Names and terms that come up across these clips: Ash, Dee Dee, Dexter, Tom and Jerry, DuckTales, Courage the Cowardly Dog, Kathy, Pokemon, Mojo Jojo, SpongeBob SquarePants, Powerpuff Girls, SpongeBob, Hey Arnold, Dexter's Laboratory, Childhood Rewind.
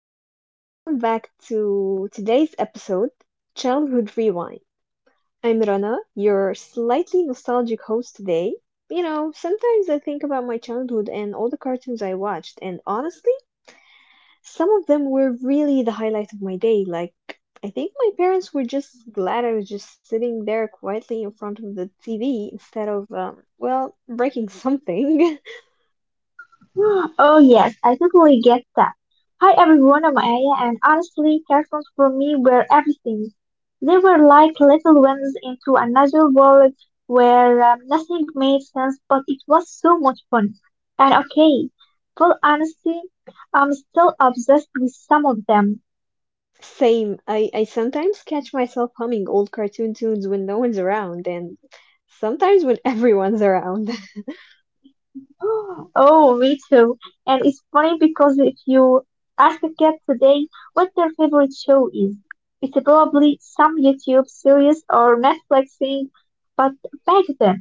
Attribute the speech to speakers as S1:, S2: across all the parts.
S1: and welcome back to today's episode, Childhood Rewind. I'm Rana, your slightly nostalgic host today. You know, sometimes I think about my childhood and all the cartoons I watched, and honestly, some of them were really the highlight of my day. Like, I think my parents were just glad I was just sitting there quietly in front of the TV instead of, well, breaking something.
S2: Oh yes, I totally get that. Hi everyone, I'm Aya, and honestly, cartoons for me were everything. They were like little winds into another world where nothing made sense, but it was so much fun. And okay, full honesty, I'm still obsessed with some of them.
S1: Same. I sometimes catch myself humming old cartoon tunes when no one's around, and sometimes when everyone's around.
S2: Oh, me too. And it's funny because if you ask a kid today what their favorite show is, it's probably some YouTube series or Netflix thing. But back then,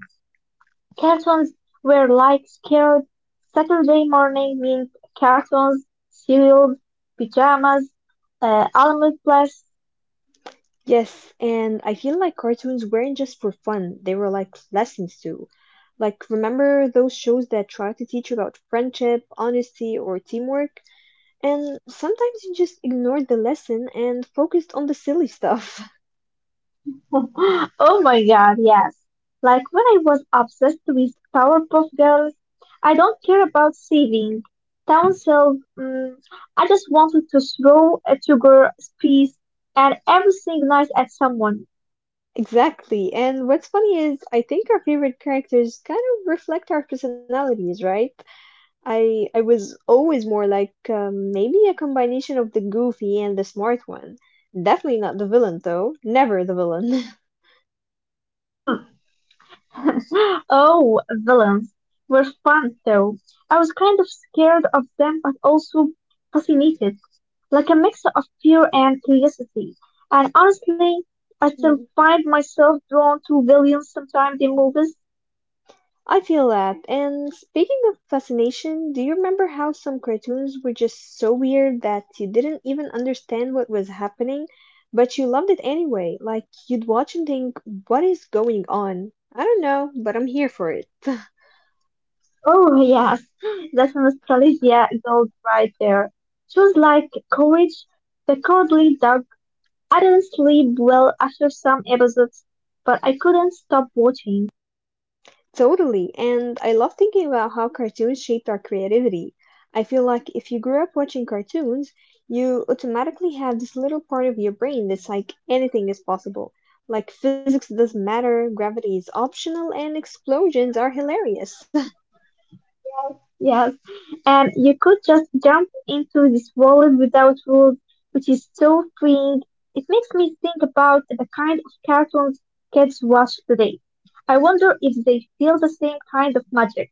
S2: cartoons were like scared. Saturday morning means cartoons, cereals, pajamas, almond plus.
S1: Yes, and I feel like cartoons weren't just for fun, they were like lessons too. Like, remember those shows that try to teach you about friendship, honesty, or teamwork? And sometimes you just ignored the lesson and focused on the silly stuff.
S2: Oh my god, yes. Like when I was obsessed with Powerpuff Girls, I don't care about saving town self. Mm, I just wanted to throw a sugar piece and everything nice at someone.
S1: Exactly, and what's funny is I think our favorite characters kind of reflect our personalities, right? I was always more like maybe a combination of the goofy and the smart one. Definitely not the villain though. Never the villain.
S2: Oh, villains were fun though. I was kind of scared of them but also fascinated, like a mix of fear and curiosity. And honestly, I still
S1: Mm.
S2: find myself drawn to villains sometimes in movies.
S1: I feel that. And speaking of fascination, do you remember how some cartoons were just so weird that you didn't even understand what was happening, but you loved it anyway? Like you'd watch and think, "What is going on?" I don't know, but I'm here for it.
S2: Oh yes, that nostalgia goes right there. Shows like Courage, The Cowardly Dog. I didn't sleep well after some episodes, but I couldn't stop watching.
S1: Totally. And I love thinking about how cartoons shaped our creativity. I feel like if you grew up watching cartoons, you automatically have this little part of your brain that's like anything is possible. Like physics doesn't matter, gravity is optional, and explosions are hilarious.
S2: Yes, and you could just jump into this world without rules, which is so freeing. It makes me think about the kind of cartoons kids watch today. I wonder if they feel the same kind of magic.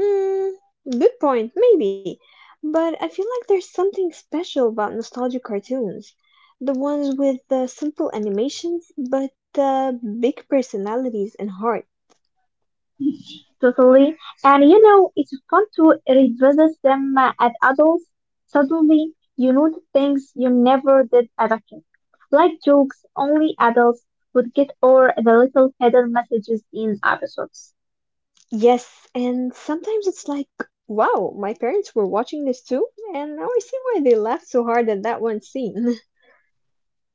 S1: Hmm, good point, maybe. But I feel like there's something special about nostalgic cartoons. The ones with the simple animations, but the big personalities and heart.
S2: Totally. And you know, it's fun to revisit them as adults. Suddenly, you notice things you never did as a kid. Like jokes only adults would get or the little hidden messages in episodes.
S1: Yes, and sometimes it's like, wow, my parents were watching this too, and now I see why they laughed so hard at that one scene.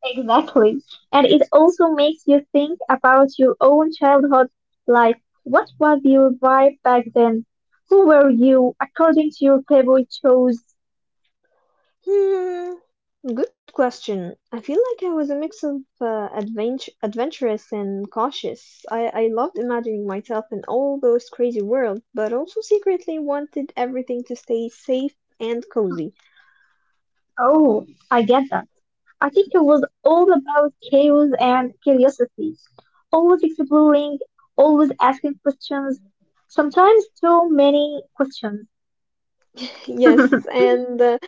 S2: Exactly. And it also makes you think about your own childhood. Like, what was your vibe back then? Who were you according to your favorite shows?
S1: Hmm, good question. I feel like I was a mix of adventurous and cautious. I loved imagining myself in all those crazy worlds, but also secretly wanted everything to stay safe and cozy.
S2: Oh, I get that. I think it was all about chaos and curiosity. Always exploring, always asking questions, sometimes too many questions.
S1: Yes, and uh,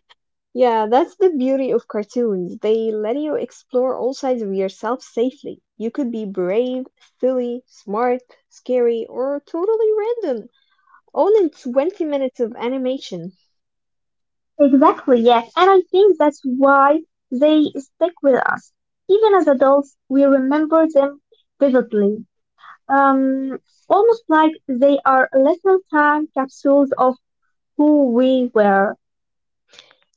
S1: Yeah, that's the beauty of cartoons. They let you explore all sides of yourself safely. You could be brave, silly, smart, scary, or totally random, all in 20 minutes of animation.
S2: Exactly, yes. And I think that's why they stick with us. Even as adults, we remember them vividly. Um, Almost like they are little time capsules of who we were.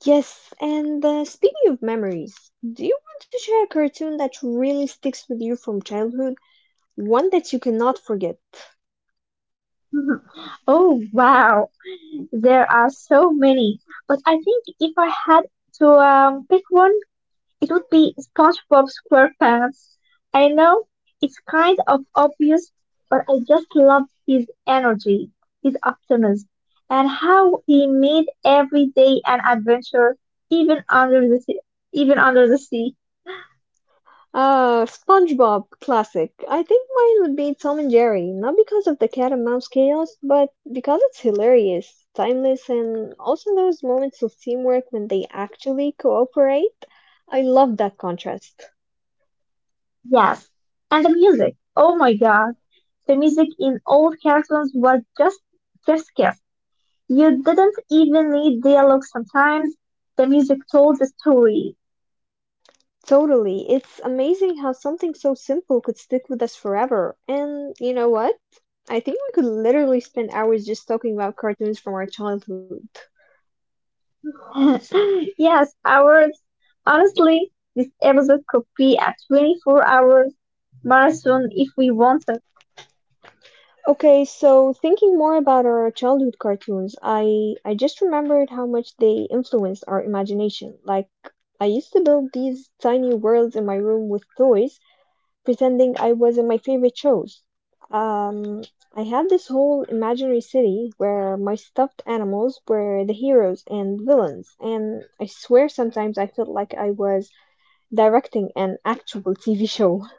S1: Yes, and speaking of memories, do you want to share a cartoon that really sticks with you from childhood? One that you cannot forget?
S2: Mhm. Oh wow, there are so many. But I think if I had to pick one, it would be SpongeBob SquarePants. I know it's kind of obvious, but I just love his energy, his optimism, and how he made every day an adventure, even under the sea, even under the sea.
S1: SpongeBob classic. I think mine would be Tom and Jerry, not because of the cat and mouse chaos, but because it's hilarious, timeless, and also those moments of teamwork when they actually cooperate. I love that contrast.
S2: Yes, and the music. Oh my God, the music in old cartoons was just just you didn't even need dialogue sometimes. The music told the story.
S1: Totally. It's amazing how something so simple could stick with us forever. And you know what? I think we could literally spend hours just talking about cartoons from our childhood.
S2: Yes, hours. Honestly, this episode could be a 24 hours marathon if we wanted.
S1: Okay, so thinking more about our childhood cartoons, I just remembered how much they influenced our imagination. Like I used to build these tiny worlds in my room with toys, pretending I was in my favorite shows. Um, I had this whole imaginary city where my stuffed animals were the heroes and villains, and I swear sometimes I felt like I was directing an actual TV show.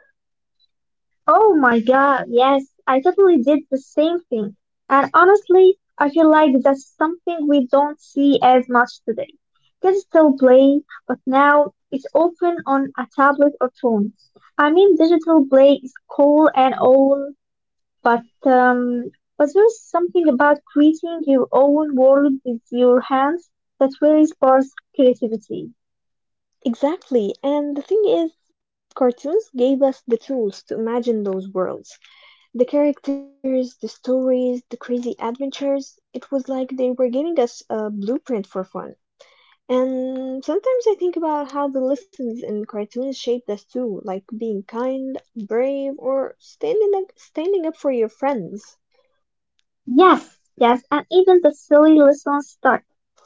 S2: Oh my god, yes, I totally did the same thing. And honestly, I feel like that's something we don't see as much today. Kids still play, but now it's often on a tablet or phone. I mean, digital play is cool and all, But um, but there's something about creating your own world with your hands that really sparks creativity.
S1: Exactly. And the thing is, cartoons gave us the tools to imagine those worlds. The characters, the stories, the crazy adventures. It was like they were giving us a blueprint for fun. And sometimes I think about how the lessons in cartoons shaped us too, like being kind, brave, or standing up for your friends.
S2: Yes, yes, and even the silly lessons stuck.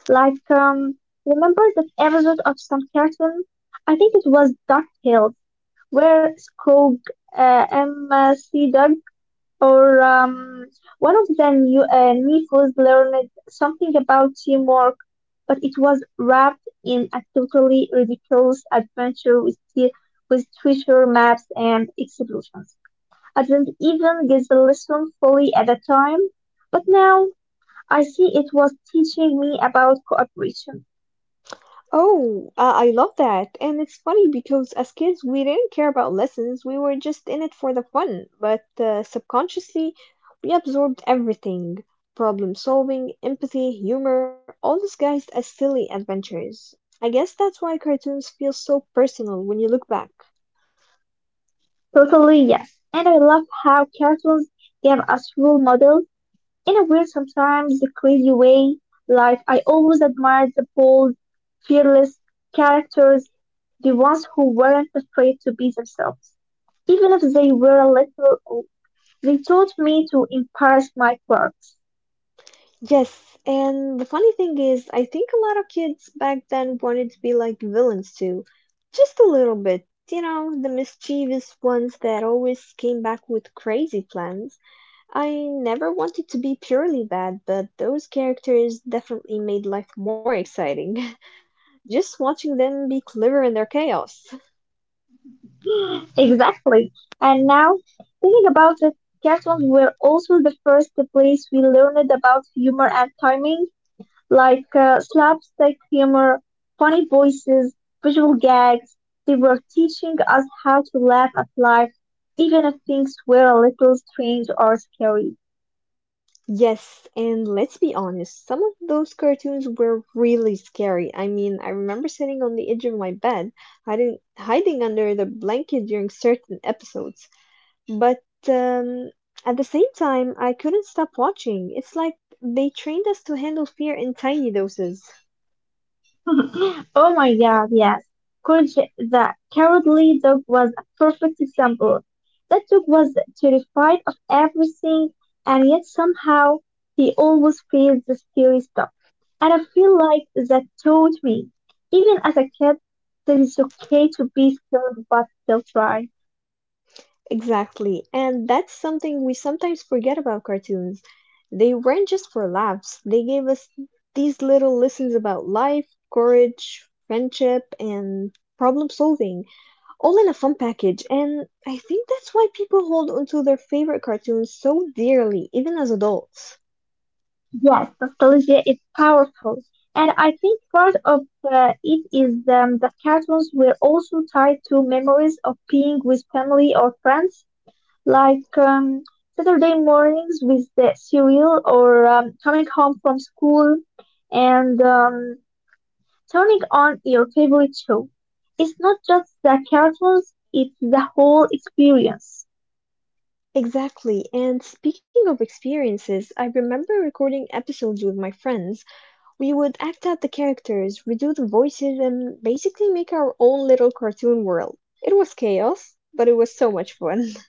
S2: Like remember that episode of some cartoon? I think it was DuckTales, where Scrooge, M.C. Doug or one of the new, nephews learned something about teamwork, but it was wrapped in a totally ridiculous adventure with treasure maps and explosions. I didn't even get the lesson fully at the time, but now I see it was teaching me about cooperation.
S1: Oh, I love that. And it's funny because as kids, we didn't care about lessons. We were just in it for the fun. But subconsciously, we absorbed everything. Problem solving, empathy, humor, all disguised as silly adventures. I guess that's why cartoons feel so personal when you look back.
S2: Totally, yes. And I love how cartoons give us role models in a weird, sometimes a crazy way, like I always admired the bold, fearless characters, the ones who weren't afraid to be themselves. Even if they were a little, old, they taught me to embrace my quirks.
S1: Yes, and the funny thing is, I think a lot of kids back then wanted to be like villains too. Just a little bit. You know, the mischievous ones that always came back with crazy plans. I never wanted to be purely bad, but those characters definitely made life more exciting. Just watching them be clever in their chaos.
S2: Exactly. And now, thinking about it, cartoons were also the first place we learned about humor and timing. Like slapstick humor, funny voices, visual gags. They were teaching us how to laugh at life, even if things were a little strange or scary.
S1: Yes, and let's be honest, some of those cartoons were really scary. I mean, I remember sitting on the edge of my bed, hiding under the blanket during certain episodes. But at the same time, I couldn't stop watching. It's like they trained us to handle fear in tiny doses.
S2: Oh my god, yes. Courage the cowardly dog was a perfect example. That dog was terrified of everything, and yet somehow he always feels the scary stuff. And I feel like that taught me, even as a kid, that it's okay to be scared but still try.
S1: Exactly. And that's something we sometimes forget about cartoons. They weren't just for laughs, they gave us these little lessons about life, courage, friendship, and problem solving, all in a fun package. And I think that's why people hold onto their favorite cartoons so dearly, even as adults.
S2: Yes, nostalgia is powerful. And I think part of it is that cartoons were also tied to memories of being with family or friends. Like Saturday mornings with the cereal or coming home from school and turning on your favorite show. It's not just the cartoons, it's the whole experience.
S1: Exactly. And speaking of experiences, I remember recording episodes with my friends. We would act out the characters, redo the voices, and basically make our own little cartoon world. It was chaos, but it was so much fun.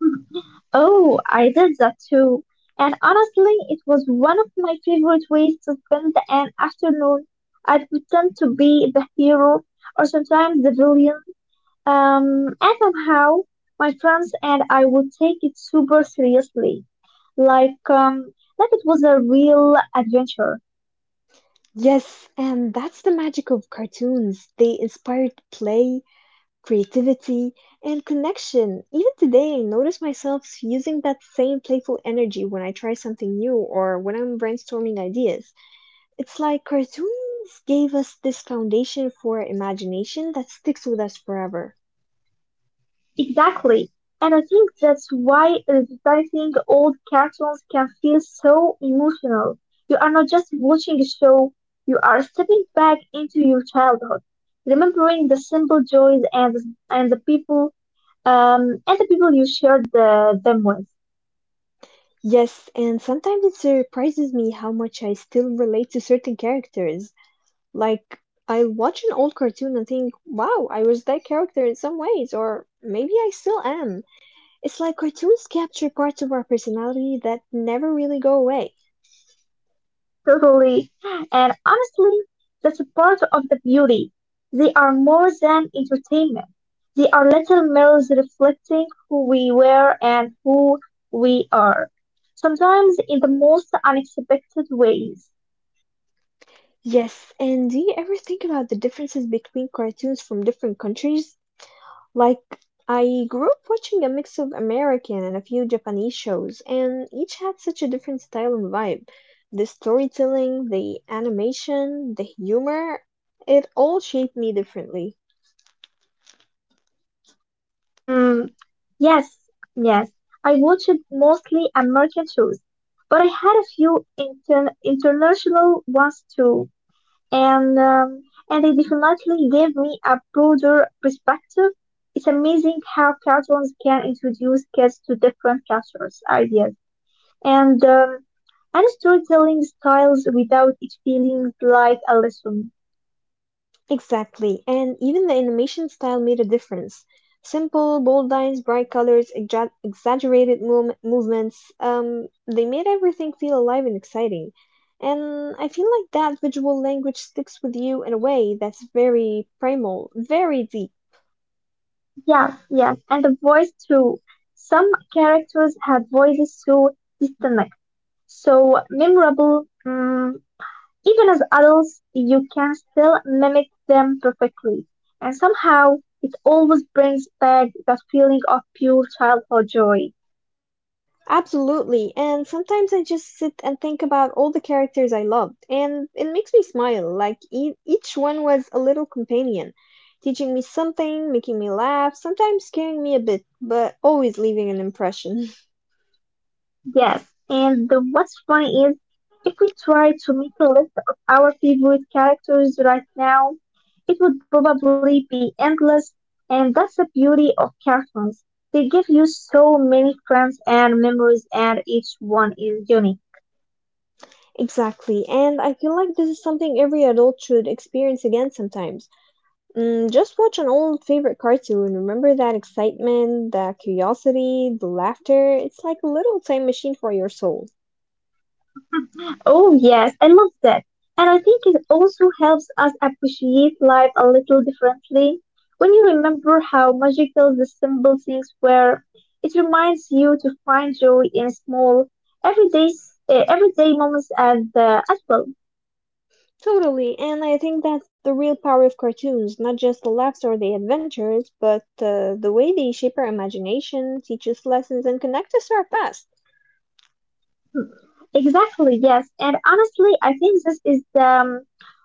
S2: Mhm. Oh, I did that too. And honestly, it was one of my favorite ways to spend an afternoon. I'd pretend to be the hero or sometimes the villain. And somehow my friends and I would take it super seriously, like it was a real adventure.
S1: Yes, and that's the magic of cartoons. They inspired play, creativity, and connection. Even today, I notice myself using that same playful energy when I try something new or when I'm brainstorming ideas. It's like cartoons gave us this foundation for imagination that sticks with us forever.
S2: Exactly. And I think that's why revisiting old cartoons can feel so emotional. You are not just watching a show, you are stepping back into your childhood, remembering the simple joys and and the people the people you shared them with.
S1: Yes, and sometimes it surprises me how much I still relate to certain characters. Like, I'll watch an old cartoon and think, wow, I was that character in some ways, or maybe I still am. It's like cartoons capture parts of our personality that never really go away.
S2: Totally. And honestly, that's a part of the beauty. They are more than entertainment. They are little mirrors reflecting who we were and who we are. Sometimes in the most unexpected ways.
S1: Yes, and do you ever think about the differences between cartoons from different countries? Like, I grew up watching a mix of American and a few Japanese shows, and each had such a different style and vibe. The storytelling, the animation, the humor, it all shaped me differently.
S2: Mm, yes, yes. I watched mostly American shows, but I had a few international ones too. and um, and it definitely gave me a broader perspective. It's amazing how cartoons can introduce kids to different cultures, ideas, and um, and storytelling styles without it feeling like a lesson.
S1: Exactly, and even the animation style made a difference. Simple, bold lines, bright colors, exaggerated movements, they made everything feel alive and exciting. And I feel like that visual language sticks with you in a way that's very primal, very deep.
S2: Yes, yes, and the voice too. Some characters have voices so distinct, so memorable. Even as adults, you can still mimic them perfectly, and somehow it always brings back that feeling of pure childhood joy.
S1: Absolutely. And sometimes I just sit and think about all the characters I loved, and it makes me smile. Like e each one was a little companion, teaching me something, making me laugh, sometimes scaring me a bit, but always leaving an impression.
S2: Yes, and the, what's funny is if we try to make a list of our favorite characters right now, it would probably be endless, and that's the beauty of cartoons. They give you so many friends and memories, and each one is unique.
S1: Exactly. And I feel like this is something every adult should experience again sometimes. Mm, just watch an old favorite cartoon. Remember that excitement, the curiosity, the laughter. It's like a little time machine for your soul.
S2: Oh, yes, I love that. And I think it also helps us appreciate life a little differently. When you remember how magical the simple things were, it reminds you to find joy in small, everyday, everyday moments as well.
S1: Totally, and I think that's the real power of cartoons, not just the laughs or the adventures, but the way they shape our imagination, teach us lessons, and connect us to our past.
S2: Exactly, yes. And honestly, I think this is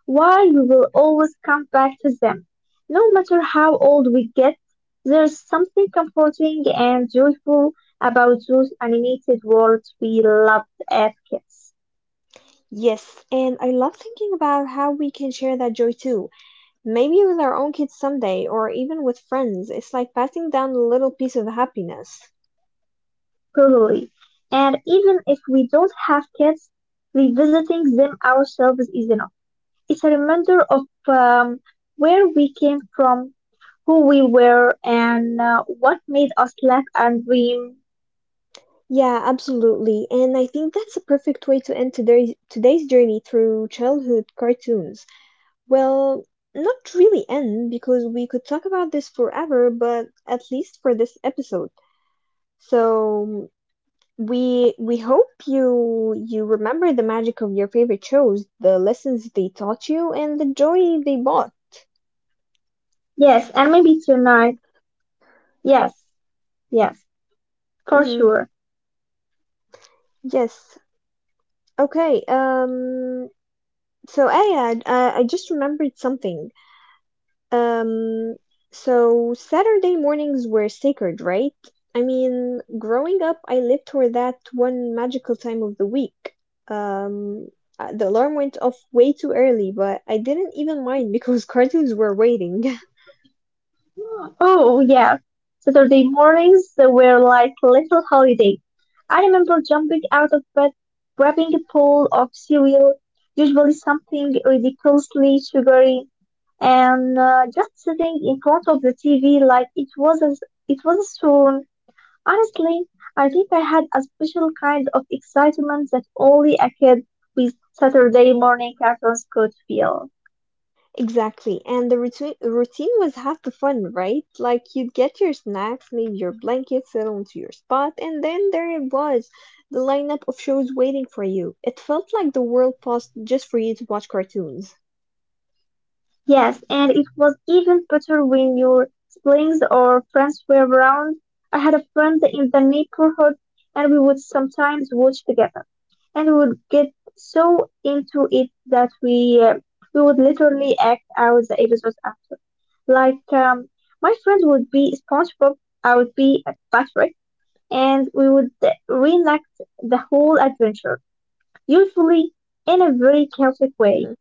S2: why we will always come back to them. No matter how old we get, there's something comforting and joyful about those animated worlds we loved as kids.
S1: Yes, and I love thinking about how we can share that joy too. Maybe with our own kids someday, or even with friends. It's like passing down a little piece of happiness.
S2: Totally. And even if we don't have kids, revisiting them ourselves is enough. It's a reminder of um, where we came from, who we were, and what made us laugh and dream.
S1: Yeah, absolutely. And I think that's a perfect way to end today's journey through childhood cartoons. Well, not really end, because we could talk about this forever, but at least for this episode. So, we hope you remember the magic of your favorite shows, the lessons they taught you, and the joy they brought.
S2: Yes, and maybe tonight. Yes, yes, for
S1: Hmm.
S2: sure.
S1: Yes. Okay. So Ayad, I just remembered something. Um. So Saturday mornings were sacred, right? I mean, growing up, I lived for that one magical time of the week. Um. The alarm went off way too early, but I didn't even mind because cartoons were waiting.
S2: Oh, yeah, Saturday mornings they were like little holiday. I remember jumping out of bed, grabbing a bowl of cereal, usually something ridiculously sugary, and just sitting in front of the TV like it was a storm. Honestly, I think I had a special kind of excitement that only a kid with Saturday morning cartoons could feel.
S1: Exactly. And the routine was half the fun, right? Like you'd get your snacks, leave your blanket, settle into your spot, and then there it was, the lineup of shows waiting for you. It felt like the world paused just for you to watch cartoons.
S2: Yes, and it was even better when your siblings or friends were around. I had a friend in the neighborhood and we would sometimes watch together. And we would get so into it that we would literally act out the episodes after. Like my friend would be SpongeBob, I would be Patrick, and we would reenact the whole adventure, usually in a very chaotic way.
S1: Mm-hmm.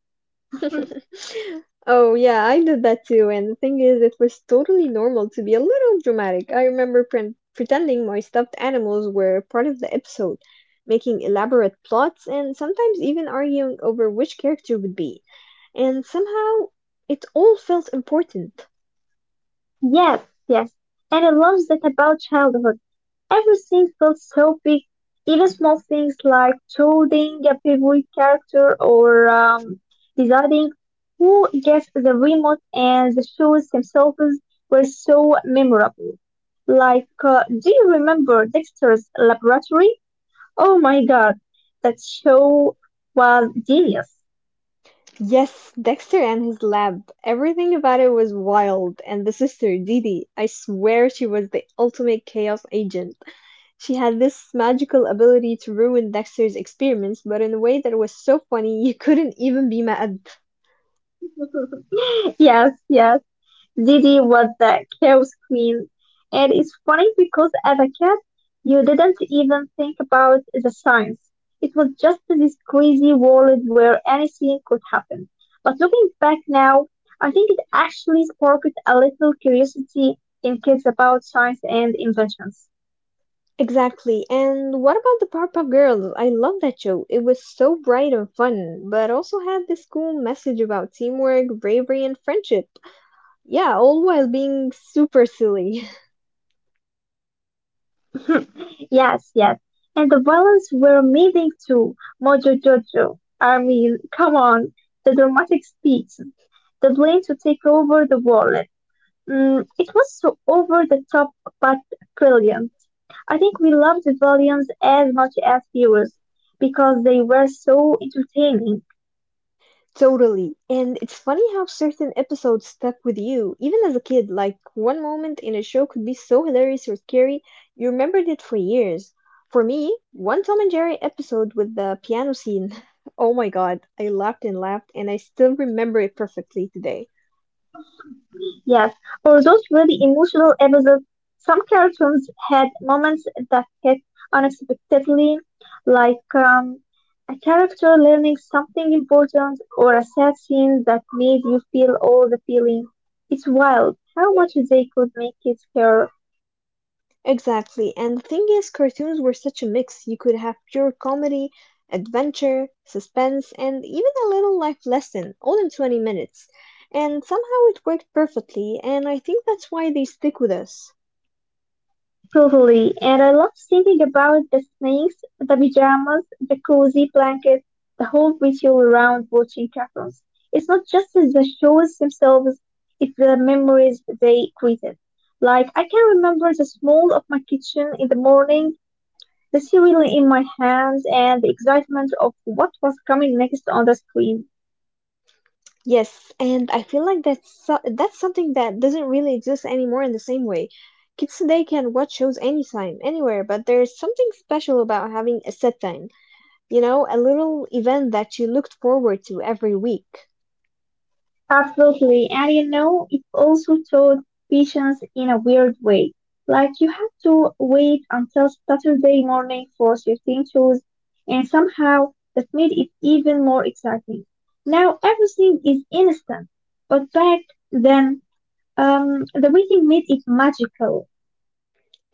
S1: Oh, yeah, I did that too, and the thing is, it was totally normal to be a little dramatic. I remember pretending my stuffed animals were part of the episode, making elaborate plots, and sometimes even arguing over which character would be. And somehow, it all felt important.
S2: Yes, yes. And I love that about childhood. Everything felt so big, even small things like choosing a favorite character or deciding who gets the remote and the shoes themselves were so memorable. Like, do you remember Dexter's Laboratory? Oh my god, that show was genius.
S1: Yes, Dexter and his lab. Everything about it was wild, and the sister, Dee Dee, I swear she was the ultimate chaos agent. She had this magical ability to ruin Dexter's experiments, but in a way that was so funny you couldn't even be mad.
S2: Yes, yes. Didi was the chaos queen, and it's funny because as a kid, you didn't even think about the science. It was just this crazy world where anything could happen. But looking back now, I think it actually sparked a little curiosity in kids about science and inventions.
S1: Exactly. And what about the Powerpuff Girls? I love that show. It was so bright and fun, but also had this cool message about teamwork, bravery, and friendship. Yeah, all while being super silly.
S2: Yes, yes. And the violence were amazing too. Mojo Jojo. I mean, come on. The dramatic speech. The plan to take over the world. Mm, it was so over the top but brilliant. I think we loved the villains as much as heroes because they were so entertaining.
S1: Totally. And it's funny how certain episodes stuck with you, even as a kid. Like, one moment in a show could be so hilarious or scary, you remembered it for years. For me, one Tom and Jerry episode with the piano scene. Oh my god, I laughed and laughed, and I still remember it perfectly today.
S2: Yes, for those really emotional episodes, some cartoons had moments that hit unexpectedly, like a character learning something important or a sad scene that made you feel all the feelings. It's wild how much they could make kids care.
S1: Exactly. And the thing is, cartoons were such a mix. You could have pure comedy, adventure, suspense, and even a little life lesson, all in 20 minutes. And somehow it worked perfectly, and I think that's why they stick with us.
S2: Totally. And I love thinking about the snakes, the pajamas, the cozy blanket, the whole ritual around watching cartoons. It's not just the shows themselves, it's the memories they created. Like, I can remember the smell of my kitchen in the morning, the cereal in my hands, and the excitement of what was coming next on the screen.
S1: Yes, and I feel like that's something that doesn't really exist anymore in the same way. Kids today can watch shows anytime, anywhere, but there's something special about having a set time, a little event that you looked forward to every week.
S2: Absolutely. And you know, it also taught patience in a weird way. Like you had to wait until Saturday morning for certain shows, and somehow that made it even more exciting. Now everything is instant, but back then, the waiting made it magical.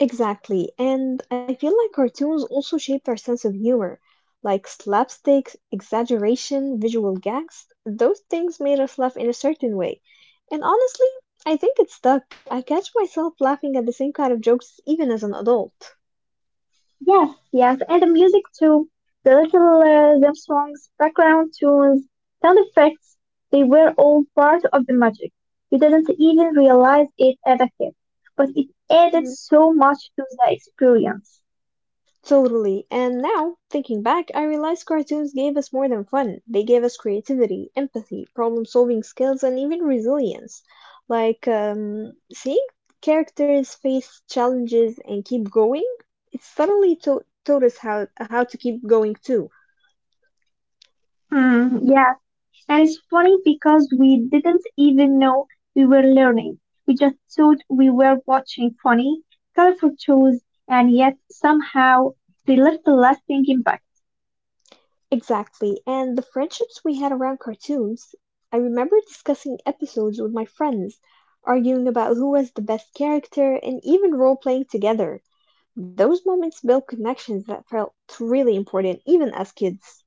S1: Exactly, and I feel like cartoons also shaped our sense of humor. Like slapstick, exaggeration, visual gags, those things made us laugh in a certain way. And honestly, I think it stuck. I catch myself laughing at the same kind of jokes even as an adult.
S2: Yes, yes, and the music too. The little Zim songs, background tunes, sound effects, they were all part of the magic. You didn't even realize it as a kid, but it added
S1: Mm-hmm.
S2: so much to the experience.
S1: Totally. And now, thinking back, I realize cartoons gave us more than fun. They gave us creativity, empathy, problem solving skills, and even resilience. Like, seeing characters face challenges and keep going, it taught us how to keep going too.
S2: Hmm, yeah, and it's funny because we didn't even know we were learning. We just thought we were watching funny, colorful shows, and yet somehow they left a lasting impact.
S1: Exactly. And the friendships we had around cartoons, I remember discussing episodes with my friends, arguing about who was the best character, and even role playing together. Those moments build connections that felt really important even as kids.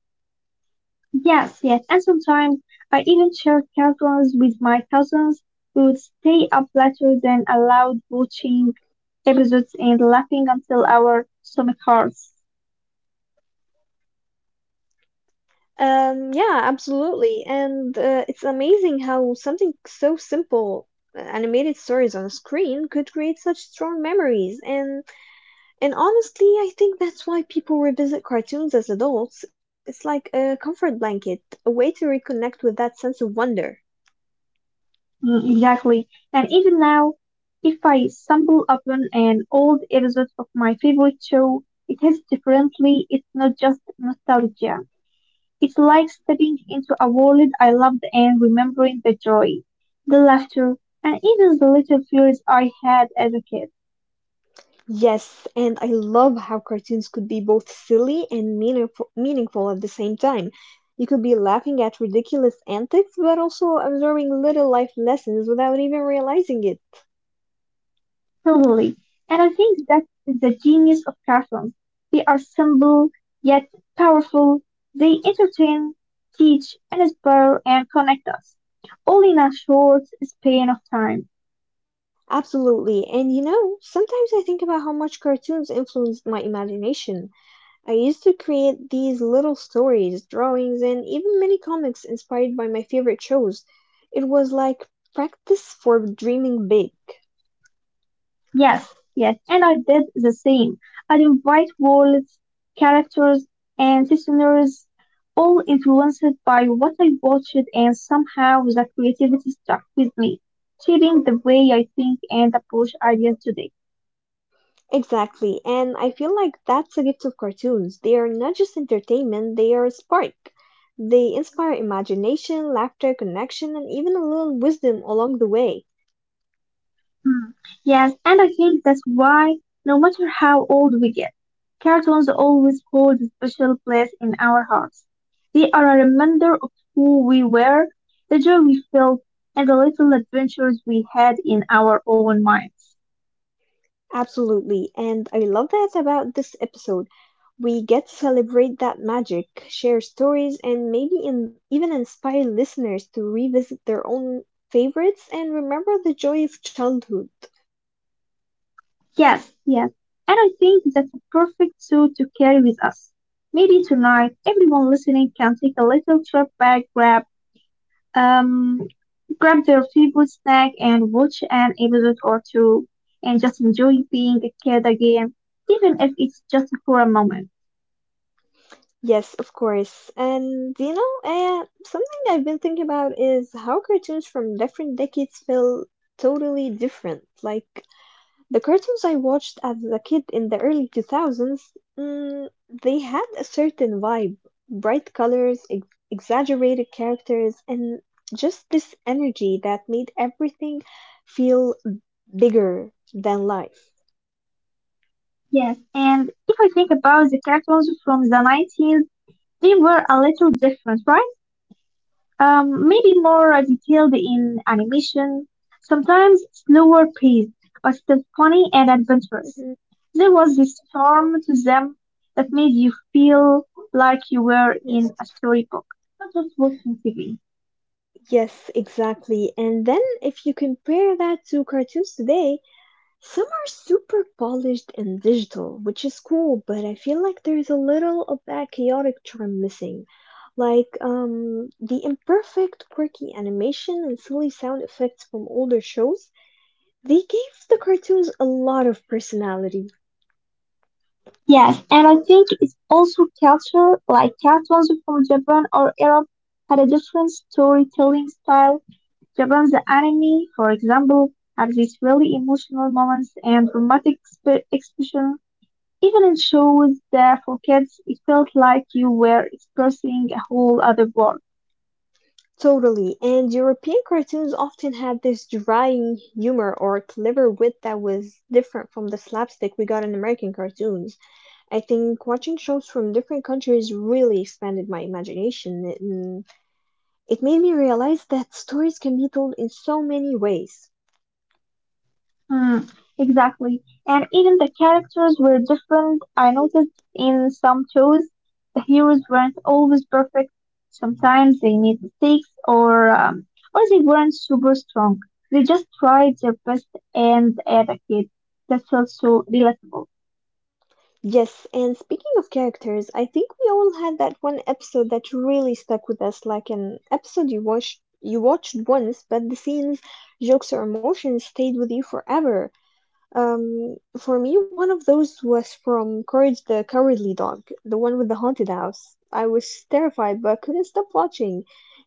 S2: Yes, yes, and sometimes I even shared cartoons with my cousins. We would stay up later than allowed watching episodes and laughing until our stomach hurts.
S1: Yeah, absolutely, and it's amazing how something so simple, animated stories on a screen, could create such strong memories. And honestly, I think that's why people revisit cartoons as adults. It's like a comfort blanket, a way to reconnect with that sense of wonder.
S2: Mm, exactly. And even now, if I stumble upon an old episode of my favorite show, it hits differently. It's not just nostalgia. It's like stepping into a world I loved and remembering the joy, the laughter, and even the little fears I had as a kid.
S1: Yes, and I love how cartoons could be both silly and meaningful at the same time. You could be laughing at ridiculous antics, but also absorbing little life lessons without even realizing it.
S2: Totally. And I think that is the genius of cartoons. They are simple yet powerful. They entertain, teach, and inspire and connect us. All in a short span of time.
S1: Absolutely, and you know, sometimes I think about how much cartoons influenced my imagination. I used to create these little stories, drawings, and even mini comics inspired by my favorite shows. It was like practice for dreaming big.
S2: Yes, yes. And I did the same. I invite worlds, characters, and listeners, all influenced by what I watched, and somehow the creativity stuck with me, shaping the way I think and approach ideas today.
S1: Exactly, and I feel like that's a gift of cartoons. They are not just entertainment, they are a spark. They inspire imagination, laughter, connection, and even a little wisdom along the way.
S2: Hmm. Yes, and I think that's why, no matter how old we get, cartoons always hold a special place in our hearts. They are a reminder of who we were, the joy we felt, and the little adventures we had in our own minds.
S1: Absolutely, and I love that about this episode. We get to celebrate that magic, share stories, and even inspire listeners to revisit their own favorites and remember the joy of childhood.
S2: Yes, yes, and I think that's a perfect suit to carry with us. Maybe tonight, everyone listening can take a little trip back, um, grab their favorite snack and watch an episode or two and just enjoy being a kid again, even if it's just for a moment.
S1: Yes, of course. And you know, something I've been thinking about is how cartoons from different decades feel totally different. Like the cartoons I watched as a kid in the early 2000s, mm, they had a certain vibe, bright colors, ex exaggerated characters, and just this energy that made everything feel bigger than life.
S2: Yes, and if I think about the cartoons from the 90s, they were a little different, right? Maybe more detailed in animation, sometimes slower paced, but still funny and adventurous.
S1: Mhm.
S2: There was this charm to them that made you feel like you were
S1: Yes.
S2: in a storybook, not just watching TV.
S1: Yes, exactly. And then if you compare that to cartoons today, some are super polished and digital, which is cool, but I feel like there's a little of that chaotic charm missing. Like the imperfect, quirky animation and silly sound effects from older shows, they gave the cartoons a lot of personality.
S2: Yes, and I think it's also culture, like cartoons from Japan or Europe had a different storytelling style. Japan's anime, for example, have these really emotional moments and dramatic expression. Even in shows that for kids, it felt like you were expressing a whole other world.
S1: Totally, and European cartoons often had this drying humor or clever wit that was different from the slapstick we got in American cartoons. I think watching shows from different countries really expanded my imagination. It made me realize that stories can be told in so many ways.
S2: Hmm, exactly. And even the characters were different. I noticed in some shows, the heroes weren't always perfect. Sometimes they made mistakes or they weren't super strong. They just tried their best and as a kid. That felt so relatable.
S1: Yes, and speaking of characters, I think we all had that one episode that really stuck with us, like an episode you watched once, but the scenes, jokes, or emotions stayed with you forever. For me, one of those was from Courage the Cowardly Dog, the one with the haunted house. I was terrified, but couldn't stop watching.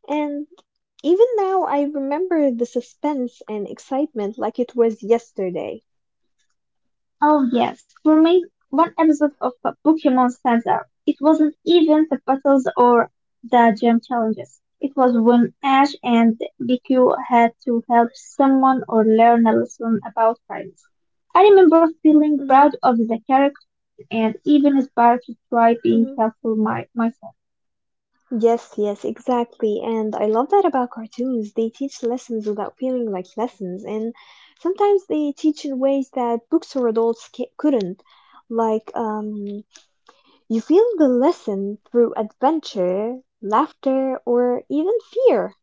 S1: And even now, I remember the suspense and excitement like it was yesterday.
S2: Oh yes, for me, one episode of Pokemon stands out. It wasn't even the battles or the gym challenges. It was when Ash and BQ had to help someone or learn a lesson about friends. I remember feeling
S1: Hmm.
S2: proud of the character and even inspired to try being
S1: Hmm.
S2: helpful myself.
S1: Yes, yes, exactly. And I love that about cartoons. They teach lessons without feeling like lessons, and sometimes they teach in ways that books or adults couldn't. Like, you feel the lesson through adventure, laughter, or even fear.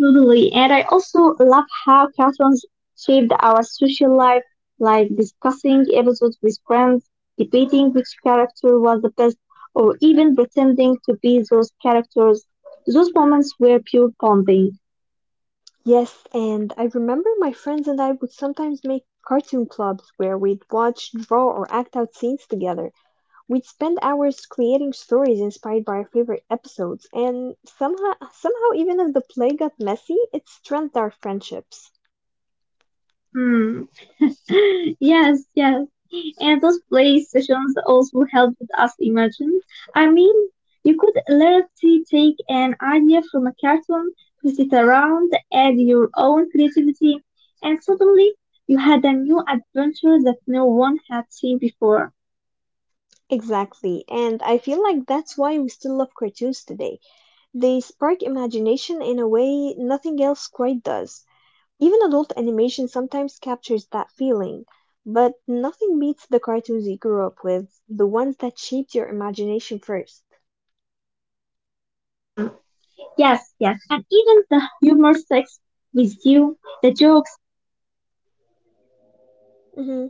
S2: Totally. And I also love how cartoons shaped our social life, like discussing episodes with friends, debating which character was the best, or even pretending to be those characters. Those moments were pure bonding.
S1: Yes, and I remember my friends and I would sometimes make cartoon clubs where we'd watch, draw, or act out scenes together. We'd spend hours creating stories inspired by our favorite episodes, and somehow, even if the play got messy, it strengthened our friendships.
S2: Hmm. Yes, yes. And those play sessions also helped us imagine. I mean, you could literally take an idea from a cartoon, twist it around, add your own creativity, and suddenly you had a new adventure that no one had seen before.
S1: Exactly, and I feel like that's why we still love cartoons today. They spark imagination in a way nothing else quite does. Even adult animation sometimes captures that feeling, but nothing beats the cartoons you grew up with, the ones that shaped your imagination 1st.
S2: Hmm. Yes, yes. And even the humor sticks with you. The joke
S1: Mm-hmm.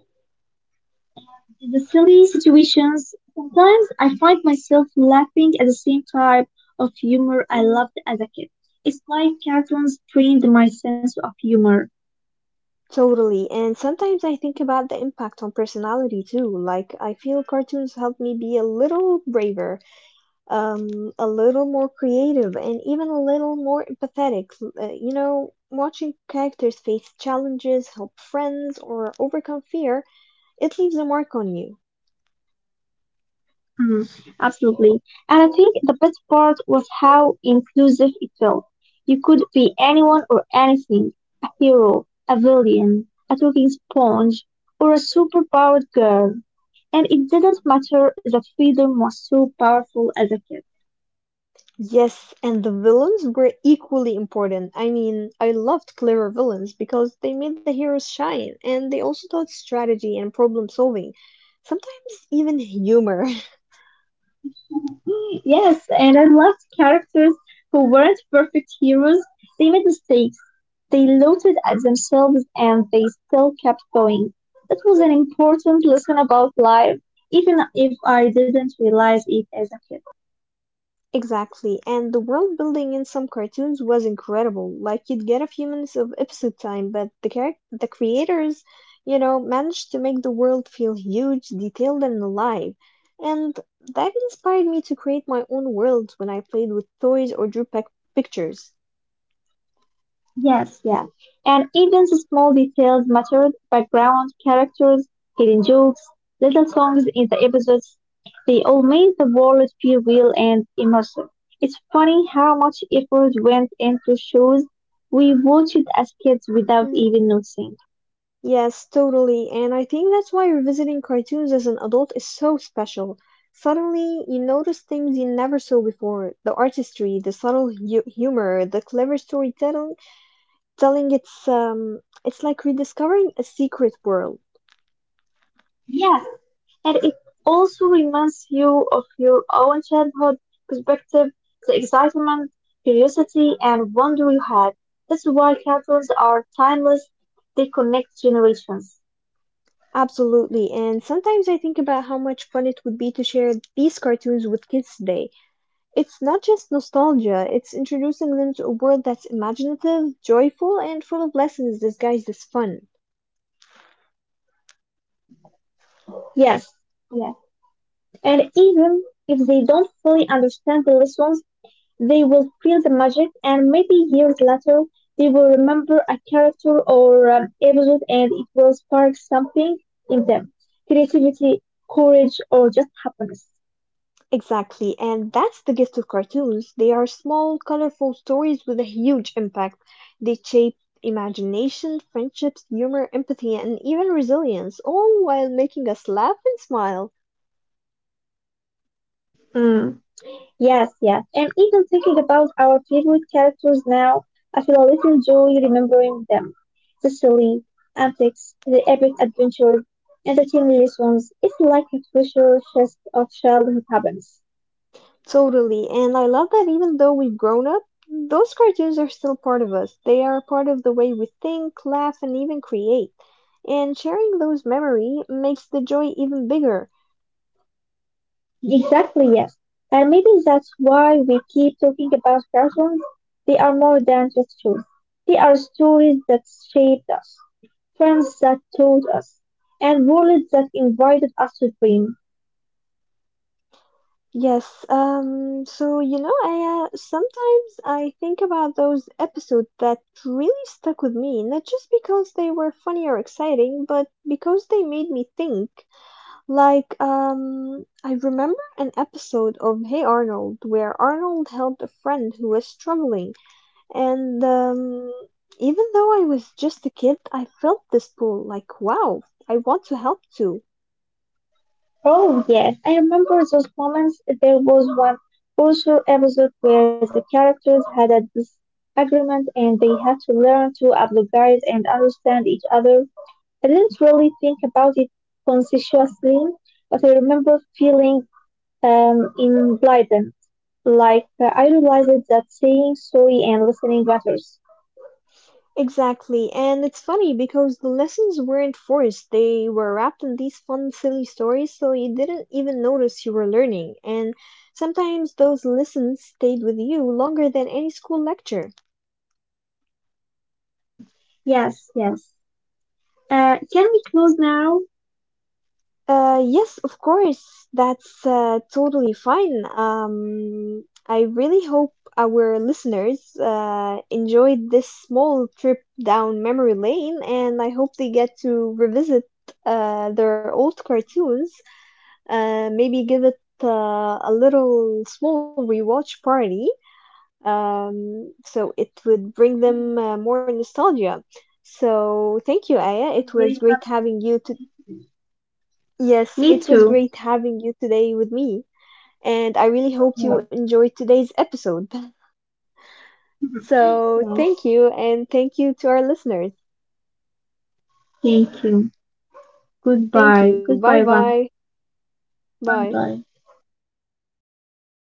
S2: the silly situations. Sometimes I find myself laughing at the same type of humor I
S1: Mm-hmm.
S2: loved as a kid. It's like cartoons trained my sense of humor.
S1: Totally. And sometimes I think about the impact on personality too. Like, I feel cartoons help me be a little braver, a little more creative, and even a little more empathetic. You know, watching characters face challenges, help friends, or overcome fear, it leaves a mark on you.
S2: Mhm, absolutely. And I think the best part was how inclusive it felt. You could be anyone or anything, a hero, a villain, a talking sponge, or a superpowered girl. And it didn't matter. The freedom was so powerful as a kid.
S1: Yes, and the villains were equally important. I mean, I loved clever villains because they made the heroes shine, and they also taught strategy and problem solving, sometimes even humor.
S2: Yes, and I loved characters who weren't perfect heroes. They made mistakes. They looted at themselves and they still kept going. That was an important lesson about life, even if I didn't realize it as a kid.
S1: Exactly, and the world building in some cartoons was incredible. Like you'd get a few minutes of episode time, but the creators, you know, managed to make the world feel huge, detailed, and alive. And that inspired me to create my own worlds when I played with toys or drew pictures.
S2: Yes, yeah. And even the small details mattered. Background characters, hidden jokes, little songs in the episodes. They all made the world feel real and immersive. It's funny how much effort went into shows we watched as kids without
S1: Mm-hmm.
S2: even noticing.
S1: Yes, totally. And I think that's why revisiting cartoons as an adult is so special. Suddenly, you notice things you never saw before. The artistry, the subtle hu humor, the clever storytelling. Telling It's it's like rediscovering a secret world.
S2: Yes, and it also reminds you of your own childhood perspective, the excitement, curiosity, and wonder you had. That's why cartoons are timeless, they connect generations.
S1: Absolutely. And sometimes I think about how much fun it would be to share these cartoons with kids today. It's not just nostalgia, it's introducing them to a world that's imaginative, joyful, and full of lessons disguised as fun.
S2: Yes, yes, and even if they don't fully understand the lessons, they will feel the magic, and maybe years later, they will remember a character or episode and it will spark something in them, creativity, courage, or just happiness.
S1: Exactly, and that's the gift of cartoons. They are small, colorful stories with a huge impact. They shape imagination, friendships, humor, empathy, and even resilience, all while making us laugh and smile.
S2: Yes, yes. And even thinking about our favorite characters now, I feel a little joy remembering them. The silly antics, the epic adventures, and the team lessons. It's like a treasure chest of childhood happens.
S1: Totally. And I love that even though we've grown up, those cartoons are still part of us. They are a part of the way we think, laugh, and even create. And sharing those memory makes the joy even bigger.
S2: Exactly, yes. And maybe that's why we keep talking about cartoons. They are more than just shows. They are stories that shaped us, friends that taught us, and worlds that invited us to dream.
S1: Yes, so you know, I sometimes I think about those episodes that really stuck with me, not just because they were funny or exciting, but because they made me think. Like, I remember an episode of Hey Arnold where Arnold helped a friend who was struggling, and even though I was just a kid, I felt this pull like, wow, I want to help too.
S2: Oh yes, I remember those moments. There was one also episode where the characters had a disagreement and they had to learn to apologize and understand each other. I didn't really think about it consciously, but I remember feeling enlightened, like I realized that saying sorry and listening matters.
S1: Exactly, and it's funny because the lessons weren't forced, they were wrapped in these fun, silly stories, so you didn't even notice you were learning, and sometimes those lessons stayed with you longer than any school lecture.
S2: Mm. Yes, yes. Can we close now?
S1: Yes, of course. That's totally fine. I really hope our listeners enjoyed this small trip down memory lane, and I hope they get to revisit their old cartoons. Maybe give it a little small rewatch party. So it would bring them more nostalgia. So thank you, Aya.
S2: I'm
S1: It
S2: very
S1: was great
S2: happy.
S1: having you to. Yes,
S2: Me
S1: it was
S2: too.
S1: great having you today with me, and I really hope
S2: Yeah.
S1: you enjoyed today's episode. So,
S2: Yeah.
S1: thank you, and thank you to our listeners.
S2: Thank you. Goodbye.
S1: Thank you. Bye
S2: Goodbye, Van.
S1: bye.
S2: Bye
S1: Bye.
S2: bye.